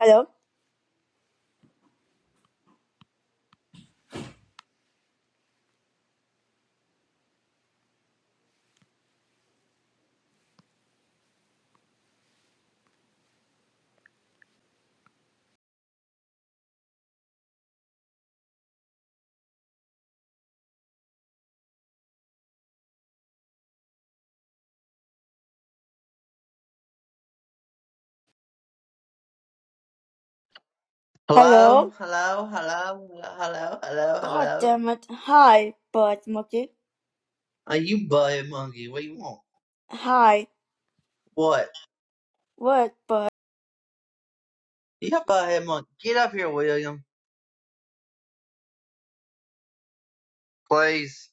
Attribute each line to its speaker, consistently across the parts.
Speaker 1: Hello? Hello?
Speaker 2: Hello, hello, hello, hello, hello,
Speaker 1: God
Speaker 2: hello.
Speaker 1: damn it. Hi, Bud Monkey.
Speaker 2: Are you butthead monkey? What you want?
Speaker 1: Hi.
Speaker 2: What?
Speaker 1: What, Bud?
Speaker 2: You got butthead monkey. Get up here, William. Please.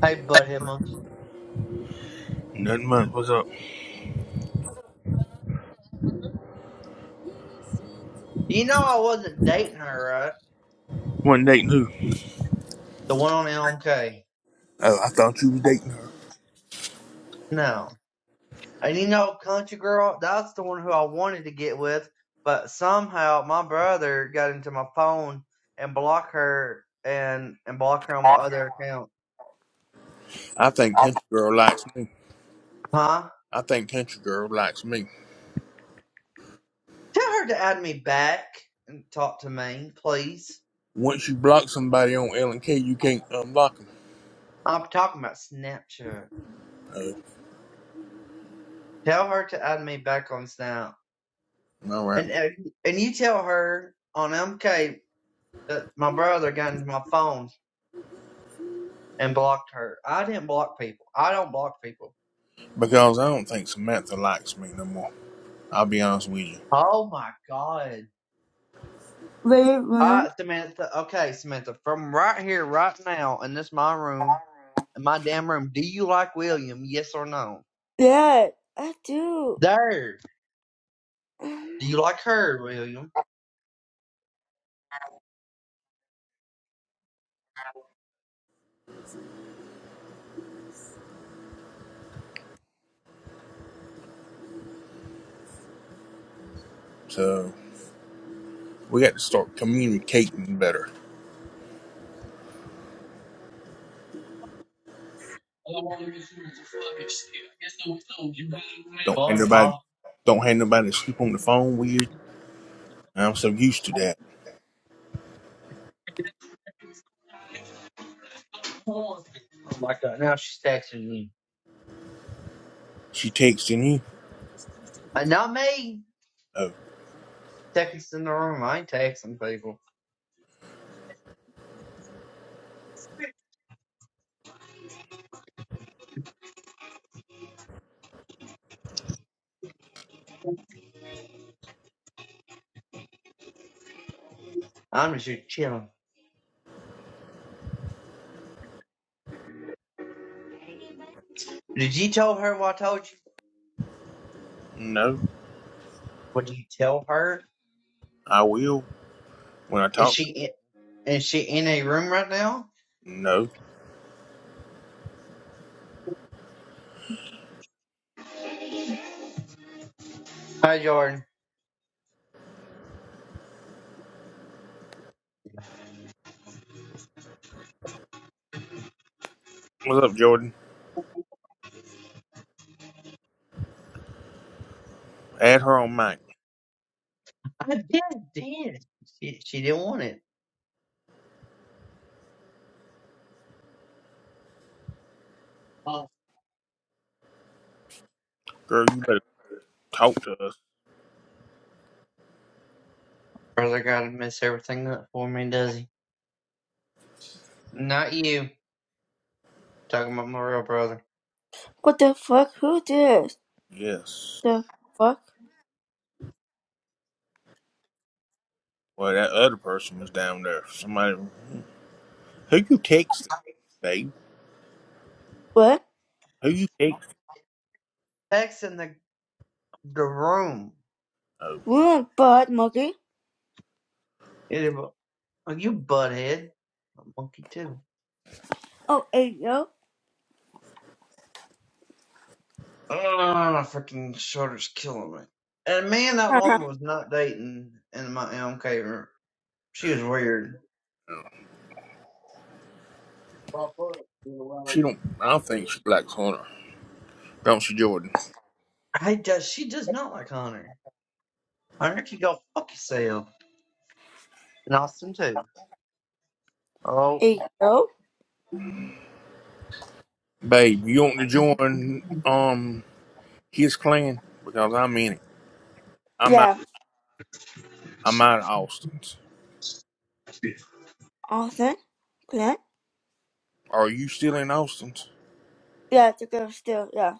Speaker 2: Hey, butthead monkey.
Speaker 3: Nothing much. What's up?
Speaker 2: You know I wasn't dating her, right?
Speaker 3: One dating who?
Speaker 2: The one on LMK.
Speaker 3: Oh, I thought you was dating her.
Speaker 2: No. And you know, country girl, that's the one who I wanted to get with, but somehow my brother got into my phone and blocked her and and blocked her on my other account.
Speaker 3: I think Country Girl likes me.
Speaker 2: Huh?
Speaker 3: I think Country Girl likes me.
Speaker 2: Tell her to add me back and talk to me, please.
Speaker 3: Once you block somebody on L and K, you can't unblock them.
Speaker 2: I'm talking about Snapchat.
Speaker 3: Oh,
Speaker 2: Tell her to add me back on Snap,
Speaker 3: no, all right.
Speaker 2: and and and you tell her on MK that my brother got into my phone and blocked her. I didn't block people. I don't block people on my
Speaker 3: Because
Speaker 2: phone.
Speaker 3: I don't think Samantha likes me no more. I'll be honest with you.
Speaker 2: Oh my god.
Speaker 1: Really,
Speaker 2: All
Speaker 1: William?
Speaker 2: right, Samantha. Okay, Samantha. From right here, right now, in this my room, in my damn room. Do you like William? Yes or no?
Speaker 1: Yeah, I do.
Speaker 2: There.
Speaker 1: Um,
Speaker 2: Do you like her, William?
Speaker 3: So we got to start communicating better.
Speaker 2: Oh, I guess so. You got
Speaker 3: Don't have
Speaker 2: me.
Speaker 3: nobody, don't have nobody sleep on the phone with you. I'm so used to that.
Speaker 2: I'm like, uh, now she's texting me.
Speaker 3: She texting you.
Speaker 2: Uh, not me.
Speaker 3: Oh,
Speaker 2: Texting in the room. I ain't texting people. I'm just chilling. Did you tell her what I told you?
Speaker 3: no.
Speaker 2: Would you tell her?
Speaker 3: I will when I
Speaker 2: Is
Speaker 3: talk.
Speaker 2: she in, is she in a room right now?
Speaker 3: No.
Speaker 2: Hi, Jordan.
Speaker 3: What's up, Jordan? Add her on mic.
Speaker 2: I did. did. She, she didn't want it. Oh.
Speaker 3: Girl, you better talk to us.
Speaker 2: Brother gotta mess everything up for me, does he? Not you. Talking about my real brother.
Speaker 1: What the fuck? Who this?
Speaker 3: Yes.
Speaker 1: The fuck?
Speaker 3: Well, that other person was down there. Somebody. Who you texting, babe?
Speaker 1: What?
Speaker 3: Who you texting?
Speaker 2: Texting the the room.
Speaker 3: Oh,
Speaker 1: William, Bud Monkey?
Speaker 2: It, you butthead. A monkey too.
Speaker 1: Oh, hey, yo.
Speaker 2: Oh, my freaking shoulder's killing me. And man, that
Speaker 1: Uh-huh.
Speaker 2: woman was not dating in my MK room. She was weird.
Speaker 3: she don't. I don't think she likes Hunter. Don't she, Jordan?
Speaker 2: I does she does not like Hunter. Hunter can go fuck yourself. And Austin too. Oh,
Speaker 1: Hey, yo.
Speaker 3: Babe, you want to join um his clan? Because I'm in it. I'm out.
Speaker 1: Yeah.
Speaker 3: I'm out of Austin's.
Speaker 1: Austin? Clint?
Speaker 3: Are you still in Austin's?
Speaker 1: Yeah, the girl still, yeah.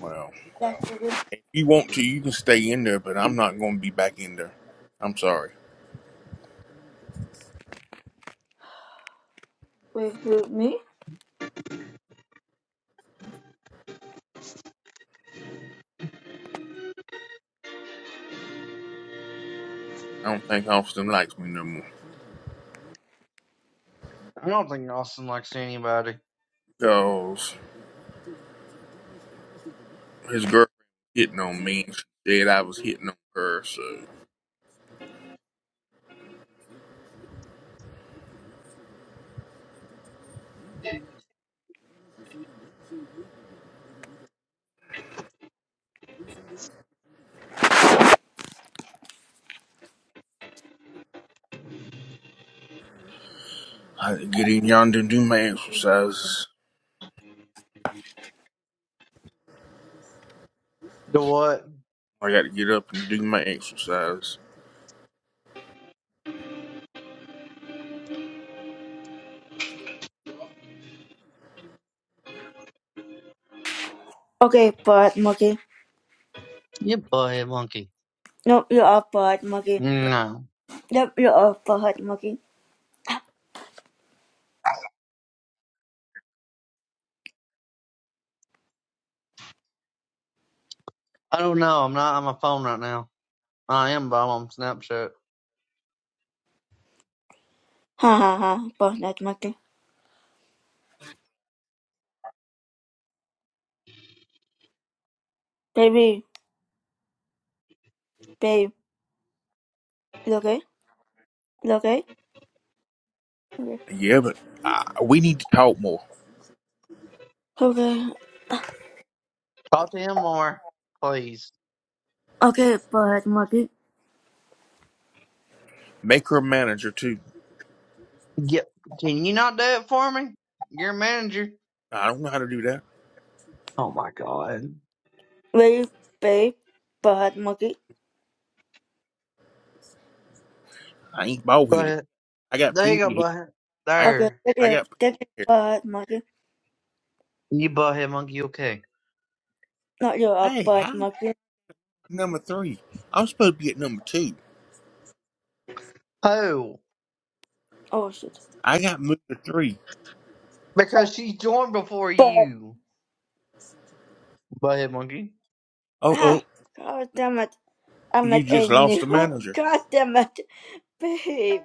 Speaker 3: Well,
Speaker 1: That's the girl.
Speaker 3: if you want to, you can stay in there, but I'm not going to be back in there. I'm sorry.
Speaker 1: Wait, who, me?
Speaker 3: I don't think Austin likes me no more.
Speaker 2: I don't think Austin likes anybody.
Speaker 3: Because. His girlfriend hitting on me. and She said I was hitting on her, so I had to get in yonder and do my exercises.
Speaker 2: You know what?
Speaker 3: I got to get up and do my exercise.
Speaker 1: Okay, Bud Monkey.
Speaker 2: You butt monkey.
Speaker 1: No, you are Bud Monkey.
Speaker 2: No,
Speaker 1: Yep, you are Bud Monkey.
Speaker 2: I don't know. I'm not on my phone right now. I am, but I'm on Snapchat.
Speaker 1: Ha ha ha, Bud Monkey. Baby, babe, you okay? You okay? Okay.
Speaker 3: Yeah, but uh, we need to talk more.
Speaker 1: Okay.
Speaker 2: Talk to him more, please.
Speaker 1: Okay, but monkey.
Speaker 3: Make her a manager too.
Speaker 2: Yep. Can you not do it for me? You're a manager.
Speaker 3: I don't know how to do that.
Speaker 2: Oh my god.
Speaker 1: Baby, babe, but monkey.
Speaker 3: I ain't bald headed.
Speaker 2: But
Speaker 3: I got
Speaker 2: there
Speaker 3: plenty
Speaker 2: you go,
Speaker 3: of hair.
Speaker 2: butthead.
Speaker 3: I
Speaker 1: Okay,
Speaker 2: There.
Speaker 1: take
Speaker 3: I
Speaker 1: it,
Speaker 3: got
Speaker 1: take it,
Speaker 3: plenty of
Speaker 1: but monkey.
Speaker 2: You butthead monkey, okay.
Speaker 1: Not you, a
Speaker 3: hair. Hey,
Speaker 1: but
Speaker 3: how
Speaker 1: monkey.
Speaker 3: number three? I'm supposed to be at number two.
Speaker 2: Oh.
Speaker 1: Oh shit.
Speaker 3: I got moved to three.
Speaker 1: Uh,
Speaker 2: Because she joined before
Speaker 1: But
Speaker 2: you. Butthead monkey.
Speaker 3: Oh
Speaker 1: ah,
Speaker 3: oh,
Speaker 1: god damn it! I'm
Speaker 3: you
Speaker 1: like a
Speaker 3: just lost
Speaker 1: new.
Speaker 3: the manager.
Speaker 1: God damn it, babe.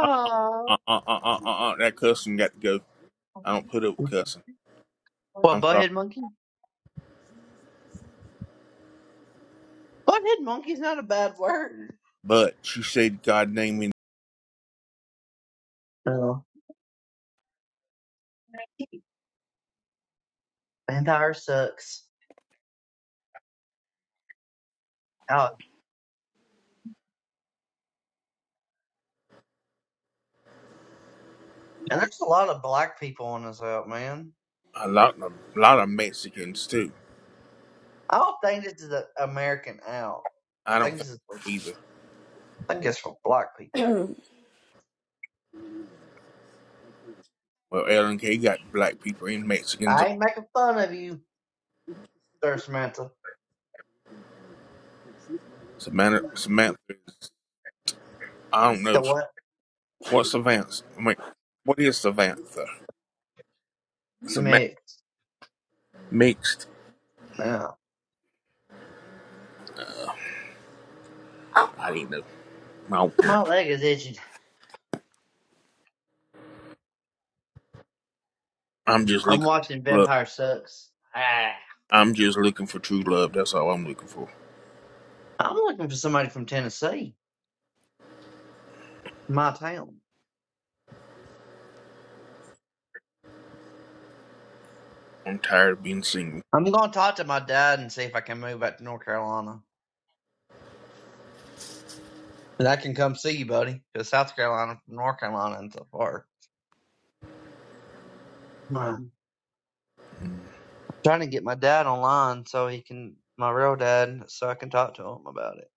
Speaker 3: Uh uh uh uh uh uh. uh that cussing got to go. I don't put up with cussing.
Speaker 2: What,
Speaker 3: I'm sorry,
Speaker 2: butthead monkey? Butthead monkey's not a bad word.
Speaker 3: but she said God named me
Speaker 2: Oh. Vampire sucks. Out. And there's a lot of black people on this out, man.
Speaker 3: a lot of a lot of Mexicans too.
Speaker 2: I don't think this is an American out. I
Speaker 3: I don't
Speaker 2: think
Speaker 3: think
Speaker 2: this is,
Speaker 3: so either.
Speaker 2: I think it's for black people.
Speaker 3: Well, L and K got black people and Mexicans.
Speaker 2: I ain't making fun of you, Sir Samantha.
Speaker 3: Samantha, Samantha is, I don't
Speaker 2: The
Speaker 3: know
Speaker 2: what?
Speaker 3: what Samantha. I mean, what is Samantha? Samantha
Speaker 2: Mix.
Speaker 3: mixed.
Speaker 2: Nah.
Speaker 3: I didn't know. I don't care.
Speaker 2: My leg is itching.
Speaker 3: I'm just
Speaker 2: I'm
Speaker 3: looking
Speaker 2: watching
Speaker 3: for love.
Speaker 2: Vampire Sucks. Ah,
Speaker 3: I'm just looking for true love. That's all I'm looking for.
Speaker 2: I'm looking for somebody from Tennessee, my town.
Speaker 3: I'm tired of being single.
Speaker 2: I'm going to talk to my dad and see if I can move back to North Carolina. And I can come see you, buddy, because South Carolina from North Carolina and so far. Wow. I'm trying to get my dad online so he can, my real dad, so I can talk to him about it.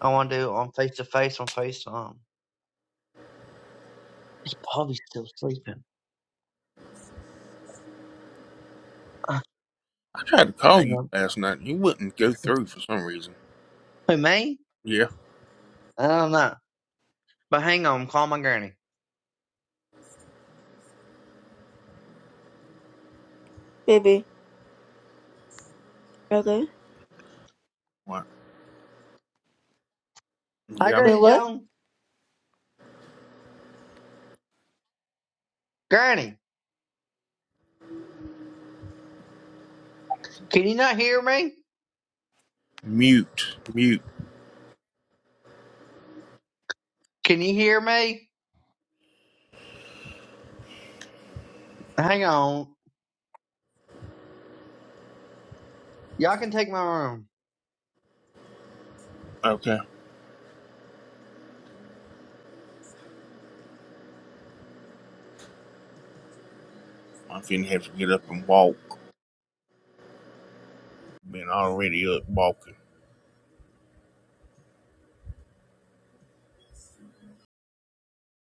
Speaker 2: I want to do it on face to face on FaceTime. He's probably still sleeping. Ah,
Speaker 3: I tried to call
Speaker 2: hang
Speaker 3: you
Speaker 2: on.
Speaker 3: last night. You wouldn't go through for some reason.
Speaker 2: Who, me?
Speaker 3: Yeah.
Speaker 2: I don't know. But hang on, call my granny.
Speaker 1: baby, okay.
Speaker 3: What?
Speaker 2: Hi,
Speaker 3: Yeah. I'm
Speaker 1: Wait,
Speaker 2: Granny
Speaker 1: what?
Speaker 2: Joan. Granny, can you not hear me?
Speaker 3: mute. Mute.
Speaker 2: Can you hear me? Hang on. Y'all can take my room.
Speaker 3: Okay. I'm finna have to get up and walk. Been already up walking.